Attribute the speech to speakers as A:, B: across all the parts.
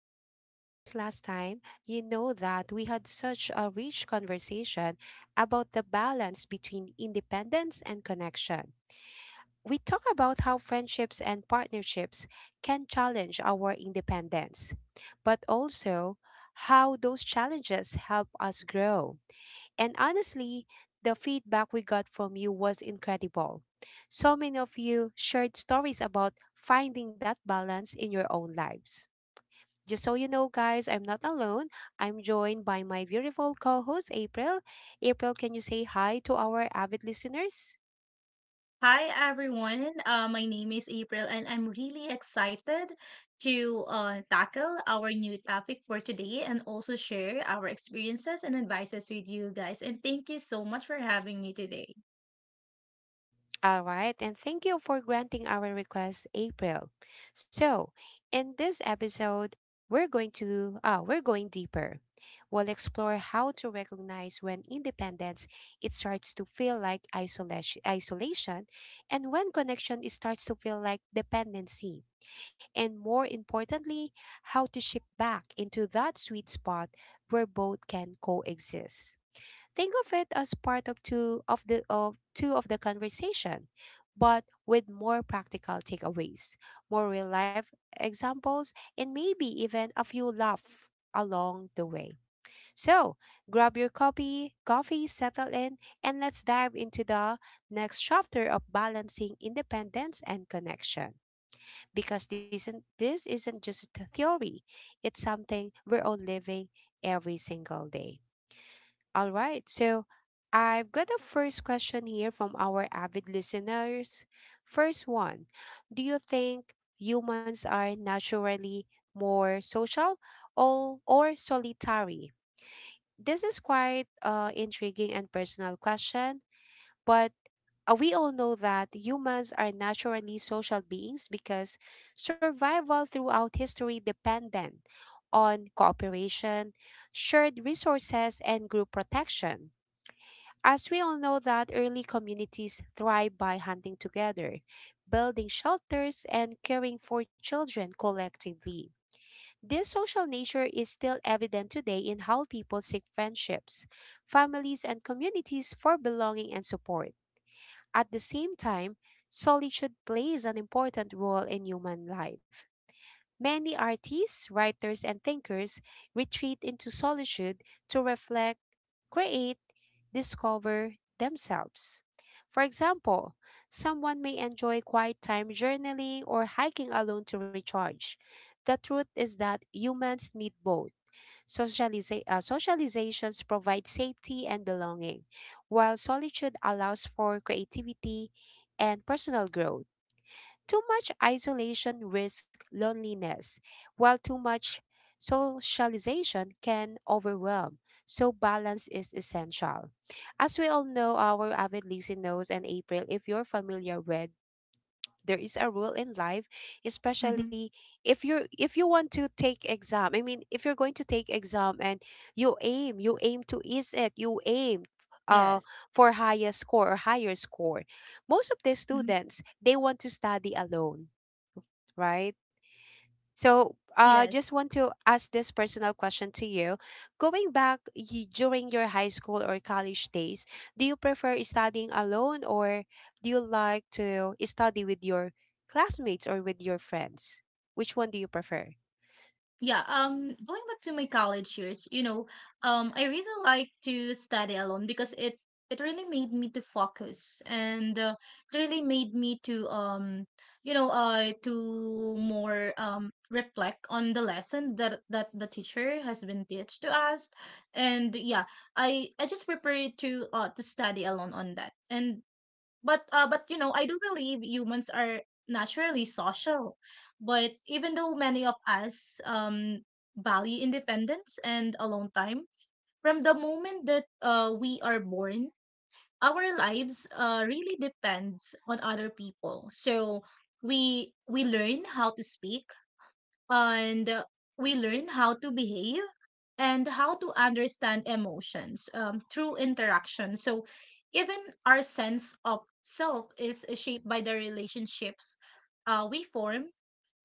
A: If you joined us last time, you know that we had such a rich conversation about the balance between independence and connection. We talk about how friendships and partnerships can challenge our independence, but also how those challenges help us grow. And honestly, the feedback we got from you was incredible. So many of you shared stories about finding that balance in your own lives. Just so you know, guys, I'm not alone. I'm joined by my beautiful co host, April. April, can you say hi to our avid listeners?
B: Hi everyone. My name is April, and I'm really excited to tackle our new topic for today and also share our experiences and advices with you guys. And thank you so much for having me today.
A: All right, and thank you for granting our request, April. So, in this episode, we're going deeper. We'll explore how to recognize when independence it starts to feel like isolation, isolation, and when connection it starts to feel like dependency. And more importantly, how to shift back into that sweet spot where both can coexist. Think of it as part of two of the conversation, but with more practical takeaways, more real life examples, and maybe even a few laugh along the way. So grab your copy, coffee, settle in, and let's dive into the next chapter of balancing independence and connection. Because this isn't just a theory; it's something we're all living every single day. All right. So I've got a first question here from our avid listeners. First one, do you think humans are naturally more social or solitary? This is quite intriguing and personal question, but we all know that humans are naturally social beings because survival throughout history dependent on cooperation, shared resources, and group protection. As we all know that early communities thrive by hunting together, building shelters and caring for children collectively. This social nature is still evident today in how people seek friendships, families, and communities for belonging and support. At the same time, solitude plays an important role in human life. Many artists, writers, and thinkers retreat into solitude to reflect, create, discover themselves. For example, someone may enjoy quiet time journaling or hiking alone to recharge. The truth is that humans need both. Socializations provide safety and belonging, while solitude allows for creativity and personal growth. Too much isolation risks loneliness, while too much socialization can overwhelm. So balance is essential. As we all know, our avid listener knows and April, if you're familiar with, there is a rule in life,
B: Hmm.
A: especially if you're, if you want to take exam, I mean if you're going to take exam and you aim to ease it, you aim uh
B: Yes.
A: for highest score or higher score, most of the
B: Mhm.
A: students they want to study alone, right? So,
B: Yes.
A: just want to ask this personal question to you. During your high school or college days, do you prefer studying alone or do you like to study with your classmates or with your friends? Which one do you prefer?
B: Yeah, um, Going back to my college years, I really like to study alone because it really made me to focus and it really made me to to more reflect on the lessons that the teacher has been teach to us, and yeah, I just prefer to study alone on that, and but you know I do believe humans are naturally social, but even though many of us value independence and alone time, from the moment that we are born our lives really depends on other people, so we learn how to speak and we learn how to behave and how to understand emotions through interaction. So, even our sense of self is shaped by the relationships we form.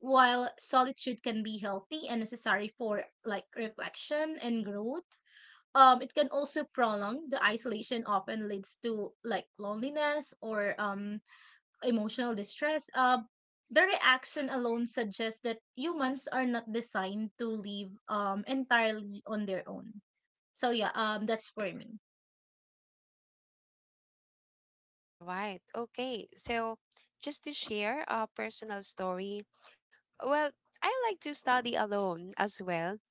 B: While solitude can be healthy and necessary for like reflection and growth, it can also prolong the isolation. Often leads to like loneliness or emotional distress, the reaction alone suggests that humans are not designed to live entirely on their own. So yeah, that's for me.
A: All right. Okay. So, just to share a personal story, well, I like to study alone as well,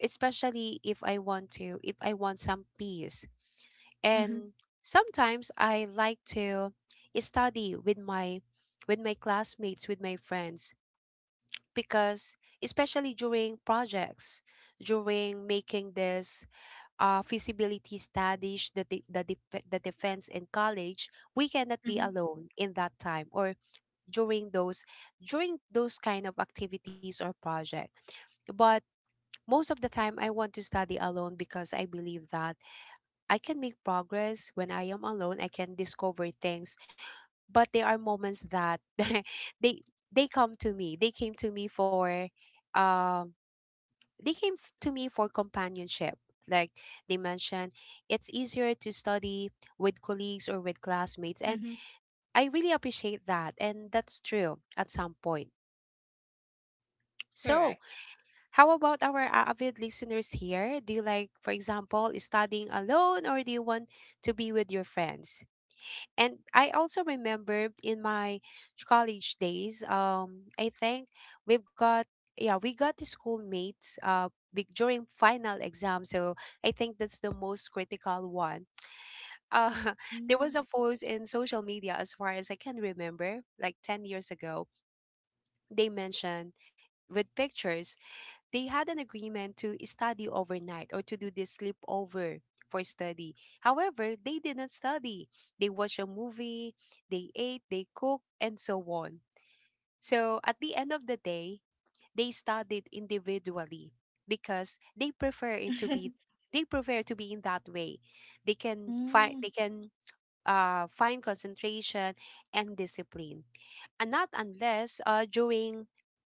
A: especially if I want some peace.
B: Mm-hmm.
A: And sometimes I like to study with my classmates, with my friends, because especially during projects, during making this feasibility studies, the defense in college, we cannot be
B: Mm-hmm.
A: alone in that time or during those kind of activities or project. But most of the time, I want to study alone because I believe that I can make progress when I am alone. I can discover things, but there are moments that they they come to me. They came to me for, um, they came to me for companionship. Like they mentioned, it's easier to study with colleagues or with classmates, and
B: Mm-hmm.
A: I really appreciate that, and that's true at some point. So
B: Correct.
A: how about our avid listeners here? Do you like, for example, studying alone or do you want to be with your friends? And I also remember in my college days, I think we've got, yeah, we got the schoolmates during final exam. So I think that's the most critical one. Uh, there
B: Mm-hmm.
A: was a post in social media, as far as I can remember, like 10 years ago. They mentioned with pictures they had an agreement to study overnight or to do this sleepover for study. However, they didn't study. They watched a movie, they ate, they cooked, and so on. So at the end of the day, they studied individually because they prefer to be in that way.
B: Mm-hmm.
A: They can find concentration and discipline, and not unless during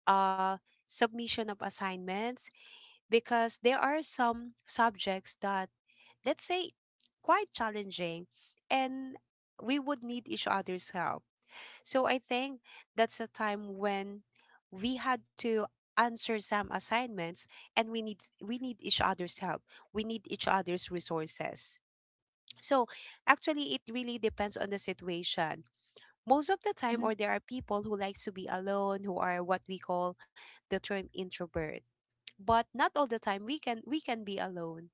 A: uh, submission of assignments, because there are some subjects that, let's say, quite challenging and we would need each other's help. So I think that's a time when we had to answer some assignments and we need each other's help. We need each other's resources. So actually it really depends on the situation. Most of the time or there are people who likes to be alone, who are what we call the term introvert, but not all the time we can be alone,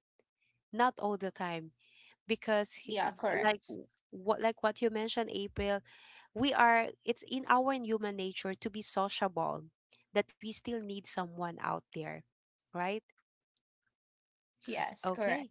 A: not all the time, because
B: Yeah, correct.
A: like what you mentioned, April, we are, it's in our human nature to be sociable, that we still need someone out there, right?
B: Yes, correct.
A: Okay,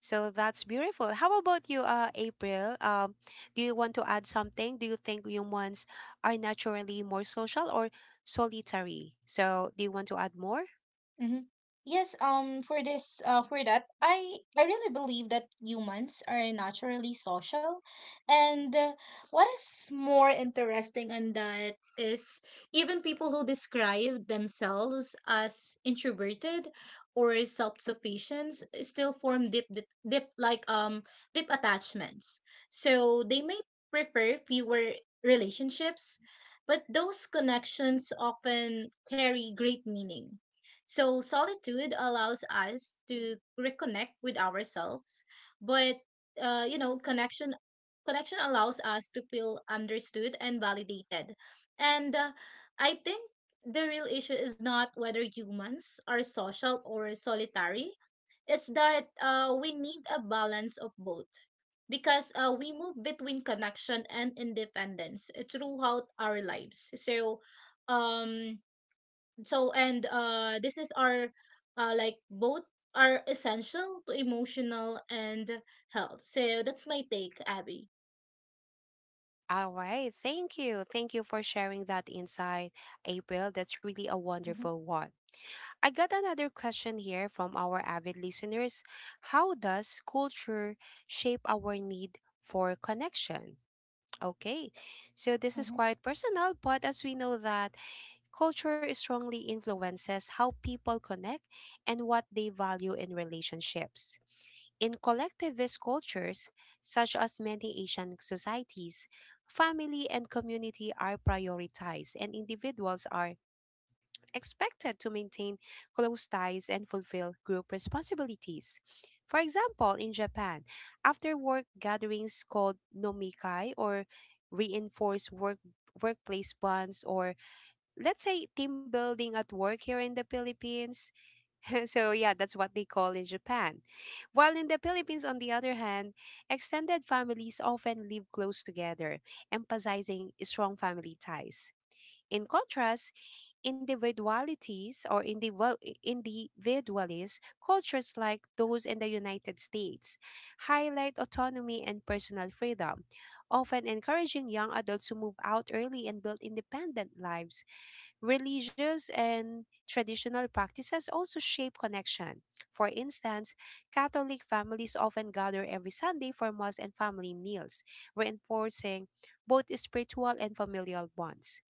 A: so that's beautiful. How about you, April, do you want to add something? Do you think humans are naturally more social or solitary? So do you want to add more?
B: Mm-hmm. For that, I really believe that humans are naturally social, and what is more interesting on that is, even people who describe themselves as introverted or self-sufficient still form deep attachments. So they may prefer fewer relationships, but those connections often carry great meaning. So, solitude allows us to reconnect with ourselves, but uh, you know, connection connection allows us to feel understood and validated. And I think the real issue is not whether humans are social or solitary. It's that we need a balance of both, because we move between connection and independence throughout our lives. So, um, so and This is our both are essential to emotional and health. So that's my take, Abby.
A: All right. Thank you. Thank you for sharing that insight, April. That's really a wonderful one. I got another question here from our avid listeners. How does culture shape our need for connection? Okay. So this is quite personal, but as we know that culture strongly influences how people connect and what they value in relationships. In collectivist cultures, such as many Asian societies, family and community are prioritized, and individuals are expected to maintain close ties and fulfill group responsibilities. For example, in Japan, after work gatherings called nomikai or reinforce workplace bonds, or let's say team building at work here in the Philippines. So yeah, that's what they call in Japan. While in the Philippines on the other hand, extended families often live close together, emphasizing strong family ties. In contrast, individualities or individu- individualist cultures like those in the United States highlight autonomy and personal freedom, often encouraging young adults to move out early and build independent lives. Religious and traditional practices also shape connection. For instance, Catholic families often gather every Sunday for Mass and family meals, reinforcing both spiritual and familial bonds.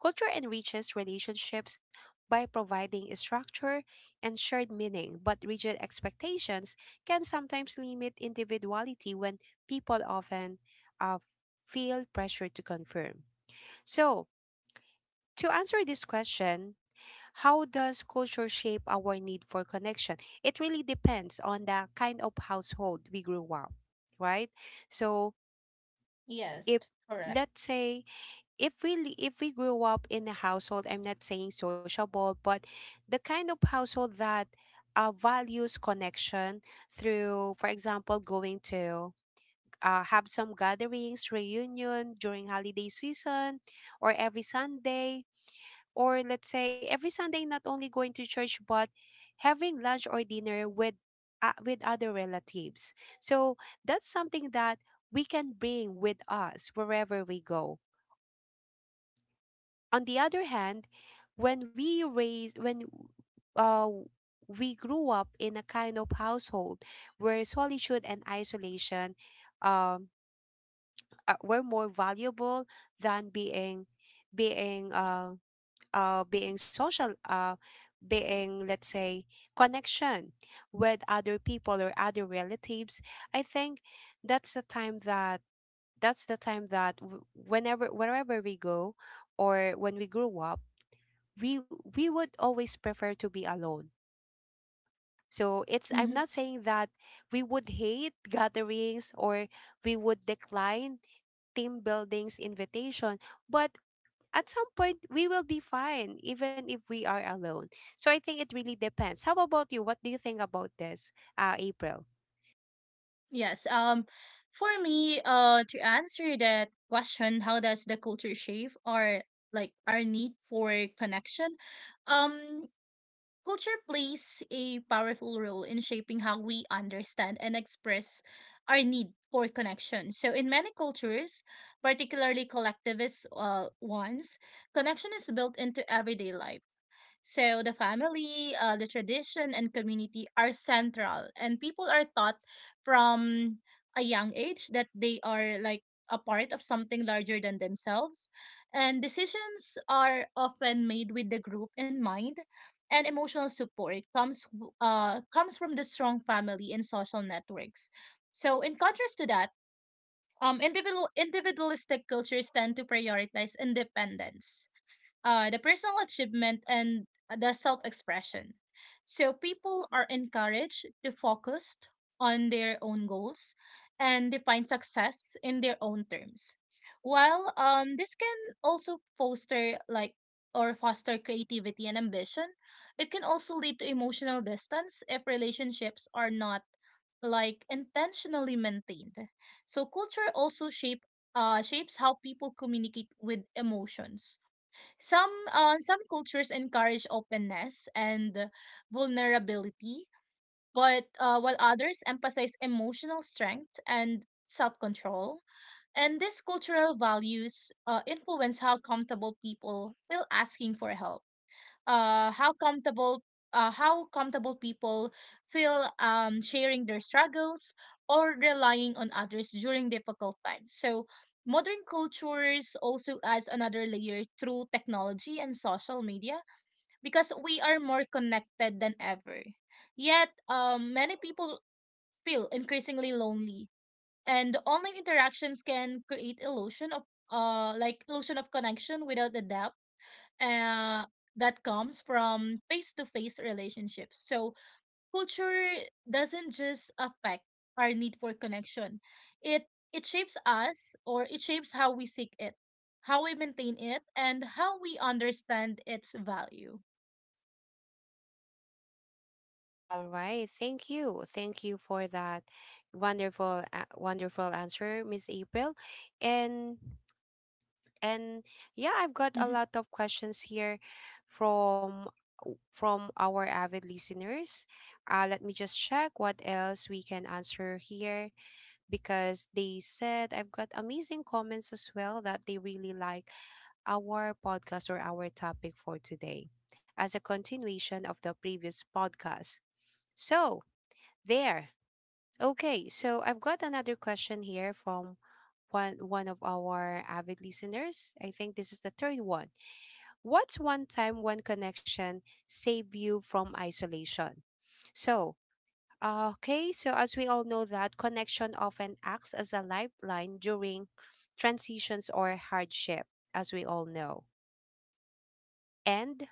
A: Culture enriches relationships by providing structure and shared meaning, but rigid expectations can sometimes limit individuality when people often uh, feel pressure to conform. So, to answer this question, how does culture shape our need for connection? It really depends on the kind of household we grew up, right? So if,
B: Correct.
A: let's say, if we if we grew up in a household, I'm not saying sociable, but the kind of household that values connection through, for example, going to have some gatherings, reunion during holiday season or every Sunday, or let's say every Sunday not only going to church but having lunch or dinner with, with other relatives. So that's something that we can bring with us wherever we go. On the other hand, when we raise when uh we grew up in a kind of household where solitude and isolation um were more valuable than being uh being social, being, let's say, connection with other people or other relatives, I think that's the time that whenever wherever we go or when we grew up, we we would always prefer to be alone. So it's, I'm
B: Hmm.
A: not saying that we would hate gatherings or we would decline team buildings invitation, but at some point we will be fine even if we are alone. So I think it really depends. How about you? What do you think about this, April?
B: Yes. Um, for me, to answer that question, how does the culture shape our need for connection? Um, Culture plays a powerful role in shaping how we understand and express our need for connection. So, in many cultures, particularly collectivist ones, connection is built into everyday life. So the family, the tradition, and community are central, and people are taught from a young age that they are like a part of something larger than themselves, and decisions are often made with the group in mind. And emotional support comes from the strong family and social networks. So in contrast to that, individualistic cultures tend to prioritize independence, the personal achievement, and the self expression. So people are encouraged to focus on their own goals and define success in their own terms. While this can also foster like or foster creativity and ambition, it can also lead to emotional distance if relationships are not like intentionally maintained. So culture also shapes how people communicate with emotions. Some cultures encourage openness and vulnerability, but while others emphasize emotional strength and self-control. And these cultural values influence how comfortable people feel asking for help, uh how comfortable how comfortable people feel sharing their struggles or relying on others during difficult times. So modern cultures also adds another layer through technology and social media, because we are more connected than ever, yet many people feel increasingly lonely, and online interactions can create illusion of illusion of connection without the depth uh, that comes from face to face relationships. So, culture doesn't just affect our need for connection, it, it shapes us, or it shapes how we seek it, how we maintain it, and how we understand its value.
A: All right, thank you. Thank you for that wonderful wonderful answer, Miss April. And and yeah, I've got a
B: Hmm.
A: lot of questions here from our avid listeners. Let me just check what else we can answer here, because they said I've got amazing comments as well, that they really like our podcast or our topic for today as a continuation of the previous podcast. So, there. Okay, so I've got another question here from one of our avid listeners. I think this is the third one. What's one time one connection save you from isolation? So, okay, so as we all know that connection often acts as a lifeline during transitions or hardship, as we all know. And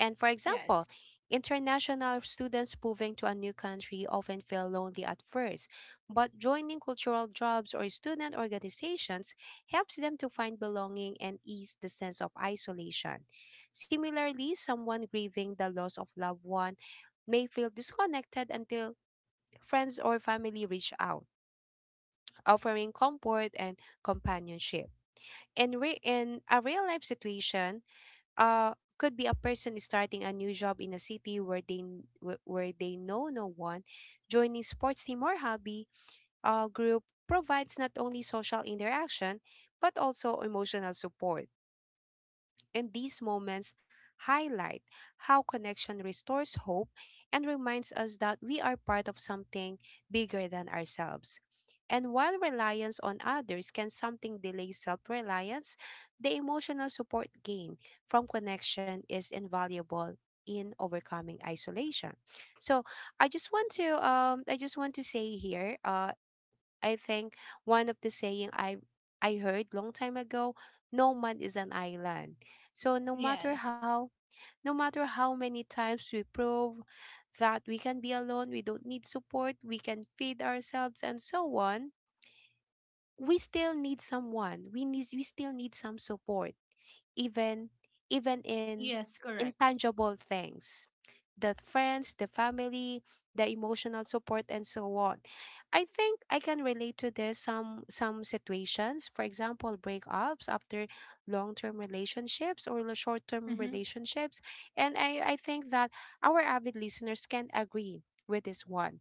A: and for
B: Yes.
A: example, international students moving to a new country often feel lonely at first, but joining cultural jobs or student organizations helps them to find belonging and ease the sense of isolation. Similarly, someone grieving the loss of loved one may feel disconnected until friends or family reach out, offering comfort and companionship. In a real life situation, could be a person is starting a new job in a city where where they know no one, joining sports team or hobby group provides not only social interaction but also emotional support. And these moments highlight how connection restores hope and reminds us that we are part of something bigger than ourselves. And while reliance on others can something delay self reliance, the emotional support gained from connection is invaluable in overcoming isolation. So I just want to say here I think one of the saying I heard long time ago, no man is an island. So
B: Yes.
A: no matter how many times we prove that we can be alone, we don't need support, we can feed ourselves and so on, we still need someone. We still need some support even even in
B: Yes, correct.
A: intangible things, the friends, the family, the emotional support, and so on. I think I can relate to this some situations. For example, breakups after long-term relationships or the short-term
B: Mm-hmm.
A: relationships. And I think that our avid listeners can agree with this one.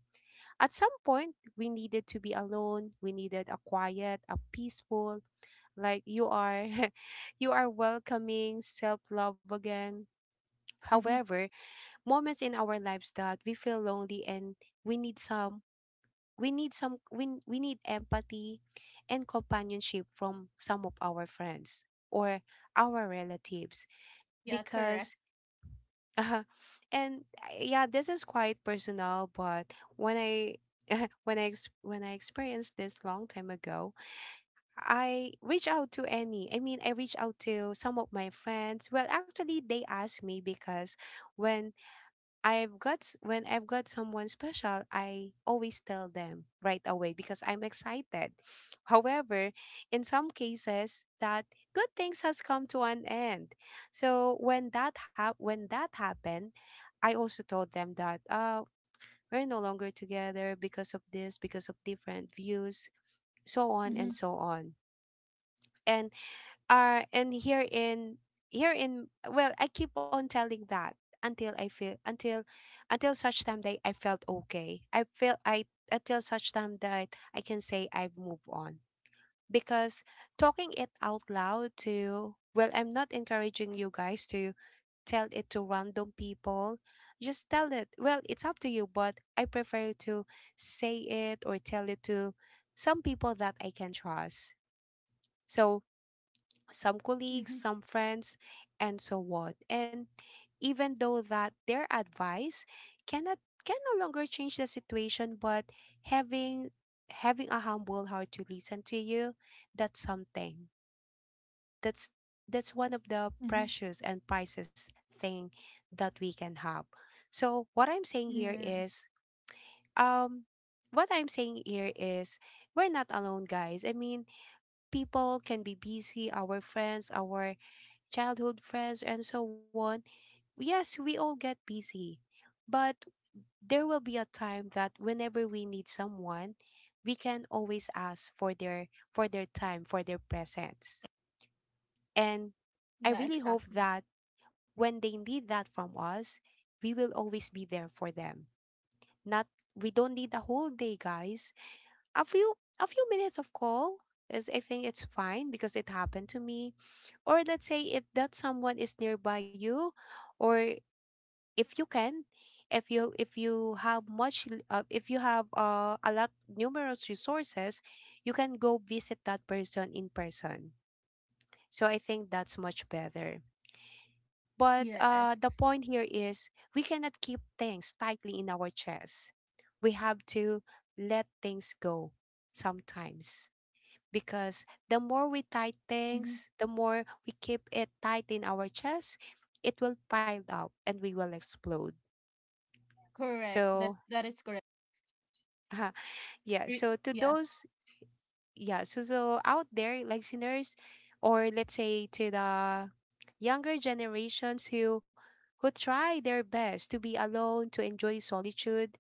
A: At some point, we needed to be alone. We needed a quiet, a peaceful, like you are you are welcoming self-love again.
B: Mm-hmm.
A: However, moments in our lives that we feel lonely and we need some we need empathy and companionship from some of our friends or our relatives
B: Yeah,
A: because
B: correct.
A: uh, and yeah, this is quite personal but when I when I experienced this long time ago, I reach out to some of my friends, well actually they asked me because when when I've got someone special, I always tell them right away because I'm excited. However, in some cases that good things has come to an end. So when that happened, I also told them that we're no longer together because of this, because of different views, so on
B: Mm-hmm.
A: and so on. And uh and here in here in, well, I keep on telling that until I feel until such time that I felt okay I feel I until such time that I can say I've moved on, because talking it out loud to, well, I'm not encouraging you guys to tell it to random people, just tell it, well, it's up to you, but I prefer to say it or tell it to some people that I can trust. So some colleagues,
B: Mm-hmm.
A: some friends, and so on. And even though that their advice cannot can no longer change the situation, but having having a humble heart to listen to you, that's something. That's that's one of the
B: Mm-hmm.
A: precious and priceless thing that we can have. So
B: Yes.
A: um what I'm saying here is we're not alone guys. I mean people can be busy, our friends, our childhood friends, and so on, yes, we all get busy. But there will be a time that whenever we need someone, we can always ask for their time, for their presence. And I
B: Yeah,
A: really hope
B: exactly.
A: that when they need that from us, we will always be there for them. Not, we don't need a whole day, guys. A few a few minutes of call is, I think, it's fine because it happened to me. Or let's say if that someone is nearby you or if you can if you have if you have a lot numerous resources, you can go visit that person in person, so I think that's much better. But the
B: Yes.
A: point here is we cannot keep things tightly in our chest, we have to let things go sometimes, because the more we tight
B: Mm-hmm.
A: things, the more we keep it tight in our chest, it will pile up and we will explode.
B: Correct. That
A: So
B: that is correct.
A: Uh, yeah. So
B: Re-
A: to
B: Yeah.
A: those, yeah. So out there, listeners, or let's say to the younger generations who try their best to be alone, to enjoy solitude.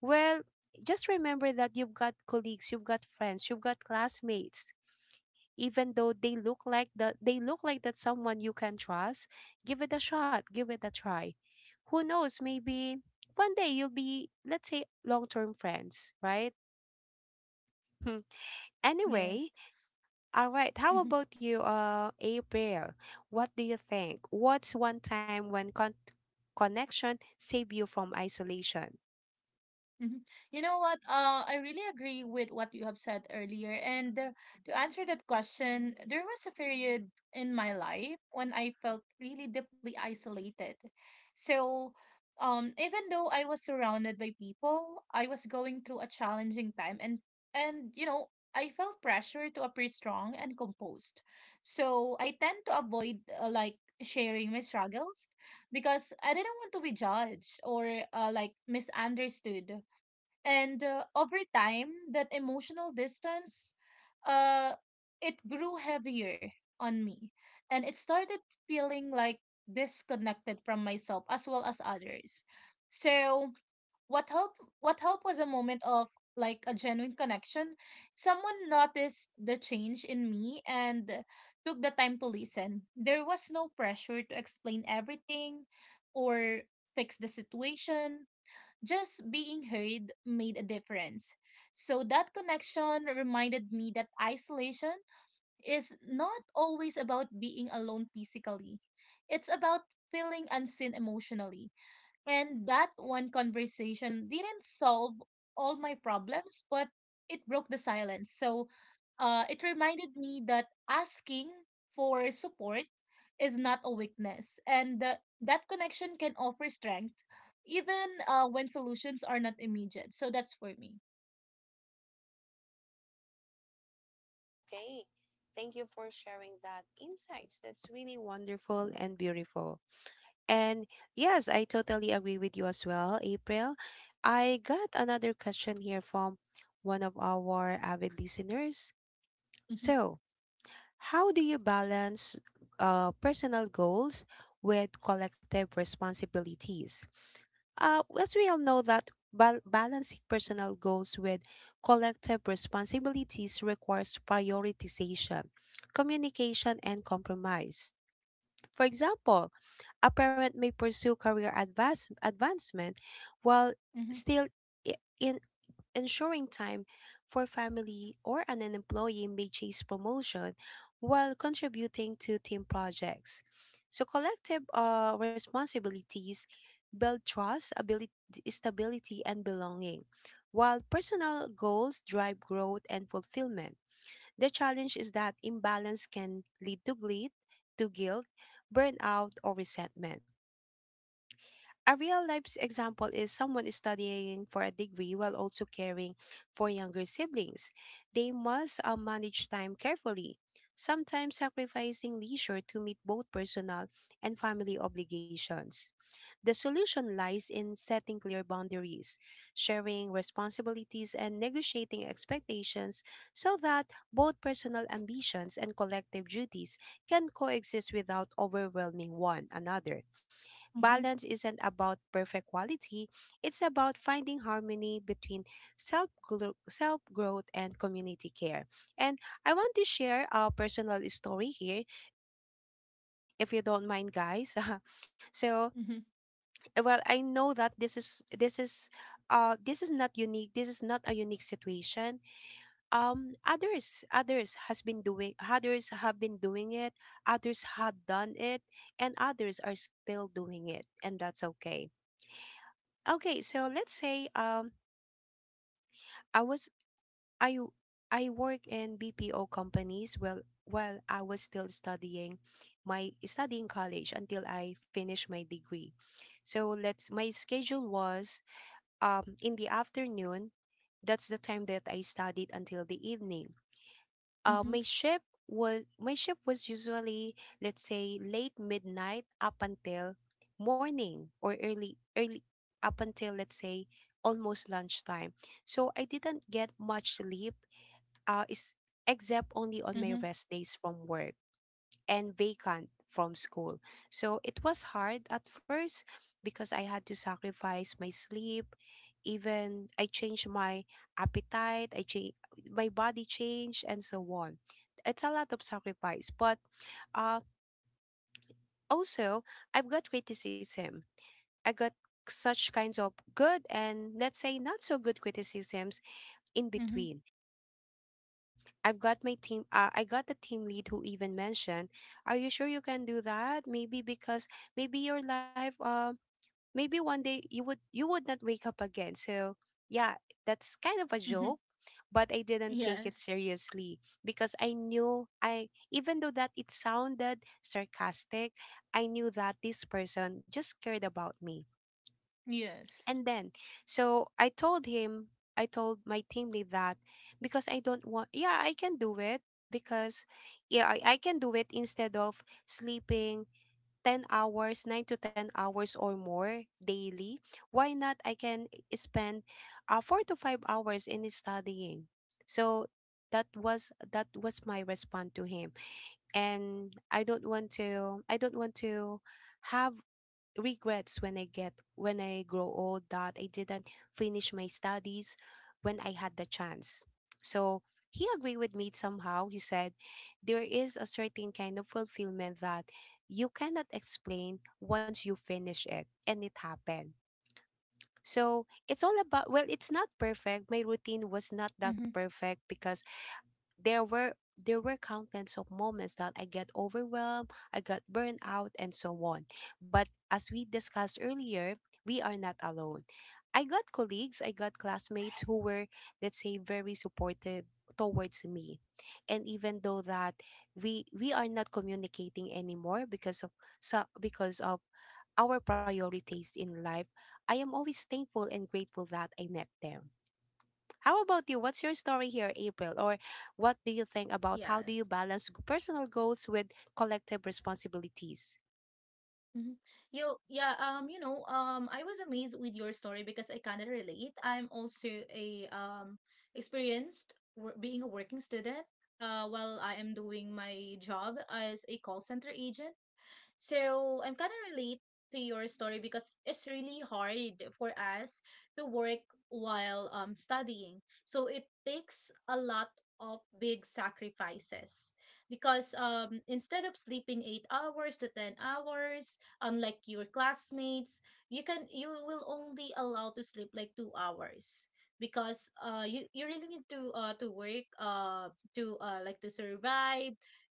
A: Well, just remember that you've got colleagues, you've got friends, you've got classmates. Even though they look like that, they look like that someone you can trust. Give it a shot. Give it a try. Who knows? Maybe one day you'll be, let's say, long-term friends, right?
B: Yes.
A: Anyway, all right. How
B: Mm-hmm.
A: about you, April? What do you think? What's one time when con- connection saved you from isolation?
B: Hmm. You know what? I really agree with what you have said earlier. And to answer that question, there was a period in my life when I felt really deeply isolated. So, even though I was surrounded by people, I was going through a challenging time, and you know, I felt pressure to appear strong and composed. So I tend to avoid like sharing my struggles because I didn't want to be judged or like misunderstood. And over time that emotional distance uh it grew heavier on me and it started feeling like disconnected from myself as well as others. So what helped, what helped was a moment of like a genuine connection. Someone noticed the change in me and took the time to listen. There was no pressure to explain everything or fix the situation. Just being heard made a difference. So that connection reminded me that isolation is not always about being alone physically, it's about feeling unseen emotionally. And that one conversation didn't solve all my problems, but it broke the silence. So it reminded me that asking for support is not a weakness, and that connection can offer strength even when solutions are not immediate. So that's for me.
A: Okay. Thank you for sharing that insights. That's really wonderful and beautiful. And yes, I totally agree with you as well, April. I got another question here from one of our avid listeners.
B: Mm-hmm.
A: So, how do you balance personal goals with collective responsibilities? As we all know that balancing personal goals with collective responsibilities requires prioritization, communication, and compromise. For example, a parent may pursue advancement while
B: Mm-hmm.
A: still I- in ensuring time for family, or an employee may chase promotion while contributing to team projects. So collective responsibilities build trust, ability, stability, and belonging, while personal goals drive growth and fulfillment. The challenge is that imbalance can lead to to guilt, burnout, or resentment. A real life example is someone studying for a degree while also caring for younger siblings. They must manage time carefully, sometimes sacrificing leisure to meet both personal and family obligations. The solution lies in setting clear boundaries, sharing responsibilities, and negotiating expectations so that both personal ambitions and collective duties can coexist without overwhelming one another.
B: Mm-hmm.
A: Balance isn't about perfect quality, it's about finding harmony between self self growth and community care. And I want to share a personal story here if you don't mind guys. So,
B: Mm-hmm.
A: well, I know that this is not unique. This is not a unique situation. Others have been doing it, others had done it, and others are still doing it, and that's okay. Okay, so let's say I was I w- I work in BPO companies, well while I was still studying my studying college until I finished my degree. So let's, my schedule was, in the afternoon, that's the time that I studied until the evening. My shift was usually, let's say, late midnight up until morning, or early up until, let's say, almost lunchtime, so I didn't get much sleep, is, except only on my
B: Mm-hmm. Mm-hmm.
A: rest days from work and vacant from school. So it was hard at first because I had to sacrifice my sleep, even I changed my appetite, I change my body change and so on. It's a lot of sacrifice, but uh, also I've got criticism. I got such kinds of good and, let's say, not so good criticisms in
B: Mm-hmm.
A: between. I've got my team. I got the team lead who even mentioned, "Are you sure you can do that? Maybe because maybe your life. Maybe one day you would not wake up again, so yeah, that's kind of a
B: Mm-hmm.
A: joke," but I didn't take it
B: Yes.
A: seriously because I knew I even though that it sounded sarcastic, I knew that this person just cared about me.
B: Yes.
A: And then, so I told him, I told my team lead that, because I don't want, yeah, I can do it, because yeah, I can do it, instead of sleeping 10 hours, 9 to 10 hours or more daily, why not I can spend 4 to 5 hours in studying. So that was my response to him, and I don't want to have regrets when I get when I grow old that I didn't finish my studies when I had the chance. So he agreed with me somehow. He said there is a certain kind of fulfillment that you cannot explain once you finish it, and it happened. So it's all about, well, it's not perfect. My routine was not that
B: Mm-hmm.
A: perfect because there were countless of moments that I get overwhelmed, I got burned out, and so on. But as we discussed earlier, we are not alone. I got colleagues, I got classmates who were, let's say, very supportive towards me. And even though that we are not communicating anymore because of, so because of our priorities in life, I am always thankful and grateful that I met them. How about you? What's your story here, April? Or what do you think about, how do you
B: Yes.
A: balance personal goals with collective responsibilities?
B: Hmm. You know, I was amazed with your story because I kind of relate. I'm also a being a working student. While I am doing my job as a call center agent. So I'm kind of relate to your story because it's really hard for us to work while studying. So it takes a lot of big sacrifices, because instead of sleeping 8 hours to 10 hours unlike your classmates, you can you will only allow to sleep like 2 hours, because you, you really need to work to like to survive,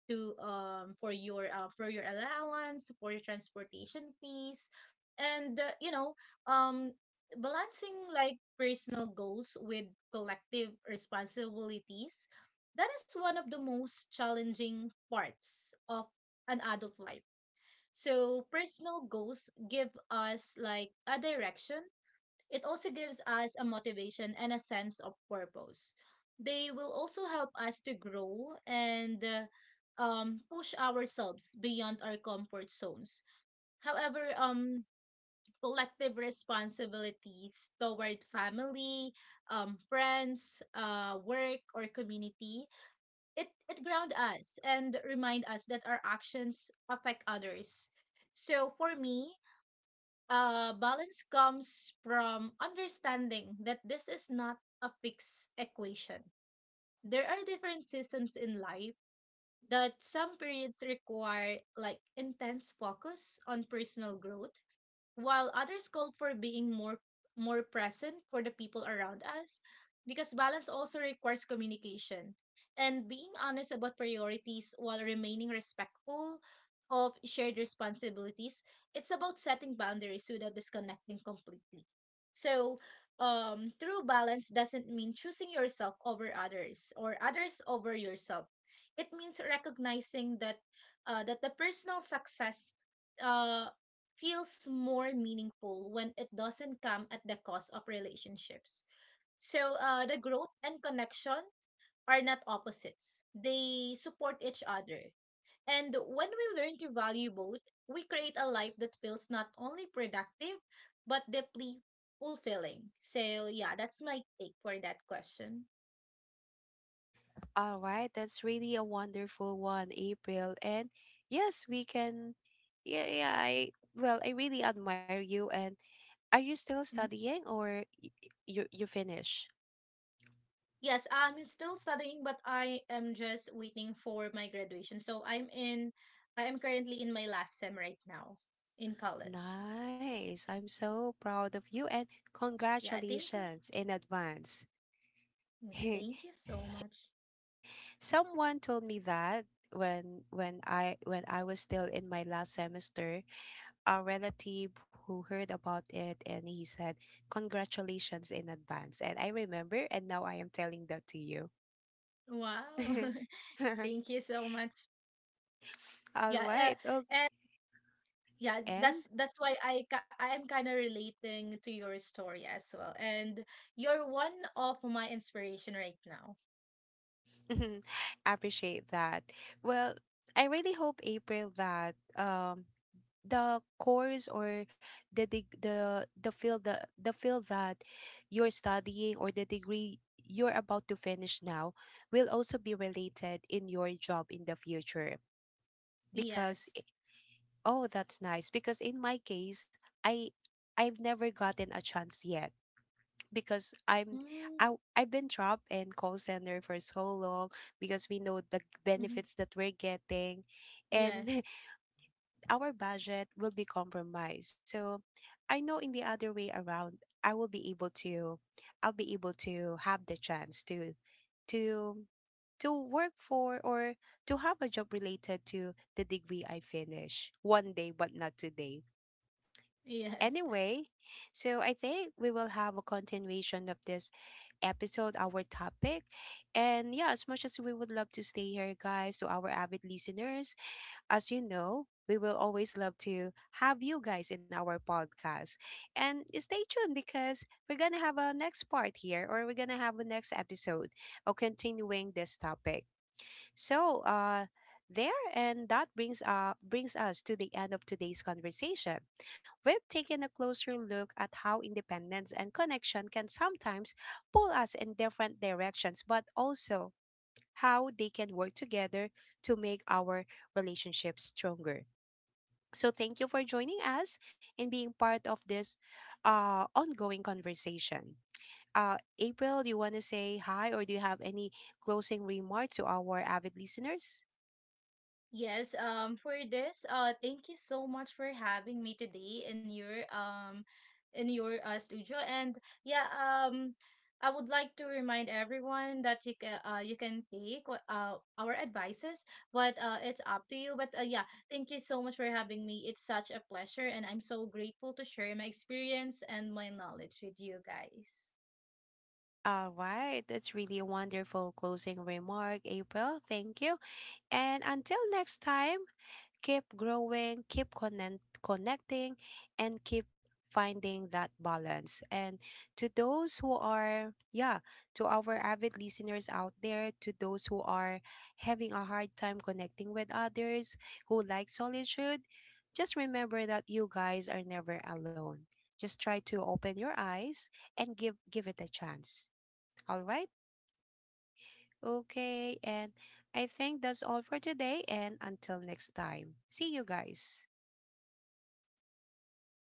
B: to for your allowance, for your transportation fees. And um balancing like personal goals with collective responsibilities, that is one of the most challenging parts of an adult life. So personal goals give us like a direction, it also gives us a motivation and a sense of purpose. They will also help us to grow, and push ourselves beyond our comfort zones. However, collective responsibilities toward family, friends, work, or community, it ground us and remind us that our actions affect others. So for me, balance comes from understanding that this is not a fixed equation. There are different seasons in life, that some periods require like intense focus on personal growth, while others call for being more present for the people around us, because balance also requires communication and being honest about priorities while remaining respectful of shared responsibilities. It's about setting boundaries without disconnecting completely. So true balance doesn't mean choosing yourself over others or others over yourself. It means recognizing that the personal success uh, feels more meaningful when it doesn't come at the cost of relationships. So the growth and connection are not opposites; they support each other. And when we learn to value both, we create a life that feels not only productive but deeply fulfilling. So yeah, that's my take for that question.
A: All right, that's really a wonderful one, April. And yes, we can. Yeah, yeah. I Well, I really admire you. And are you still
B: Mm-hmm.
A: studying or you finish?
B: Yes, I'm still studying, but I am just waiting for my graduation. I am currently in my last sem right now in college.
A: Nice. I'm so proud of you and
B: Yeah, thank you.
A: congratulations in advance.
B: Yeah, thank you so much.
A: Someone told me that when I was still in my last semester, a relative who heard about it and he said, "Congratulations in advance." And I remember, and now I am telling that to you.
B: Wow. Thank you so much.
A: All
B: Yeah, uh,
A: right. Oh,
B: and yeah, that's
A: and
B: I am kind of relating to your story as well. And you're one of my inspiration right now.
A: appreciate that. Well, I really hope, April, that the course or the field that you're studying, or the degree you're about to finish now, will also be related in your job in the future, because
B: Yes.
A: oh, that's nice, because in my case i I've never gotten a chance yet because
B: Mm-hmm.
A: I've been trapped in call center for so long because we know the
B: Mm-hmm.
A: benefits that we're getting, and
B: Yes.
A: our budget will be compromised. So I know in the other way around, I will be able to, have the chance to to work for, or to have a job related to the degree I finish one day but not today.
B: Yes.
A: Anyway, so I think we will have a continuation of this episode, our topic. And yeah, as much as we would love to stay here, guys, to our avid listeners, as you know, we will always love to have you guys in our podcast. And stay tuned because we're going to have a next part here, or we're going to have a next episode of continuing this topic. So, there, and that brings brings us to the end of today's conversation. We've taken a closer look at how independence and connection can sometimes pull us in different directions, but also how they can work together to make our relationships stronger. So thank you for joining us and being part of this ongoing conversation. April, do you want to say hi or do you have any closing remark to our avid listeners?
B: Thank you so much for having me today in your studio. And yeah, I would like to remind everyone that you can take our advices, but it's up to you. But yeah, thank you so much for having me. It's such a pleasure, and I'm so grateful to share my experience and my knowledge with you guys.
A: All right, that's really a wonderful closing remark, April. Thank you. And until next time, keep growing, connecting, and keep finding that balance. And to those who are, yeah, to our avid listeners out there, to those who are having a hard time connecting with others, who like solitude, just remember that you guys are never alone. Just try to open your eyes and give it a chance. All right? Okay, and I think that's all for today and until next time. See you guys.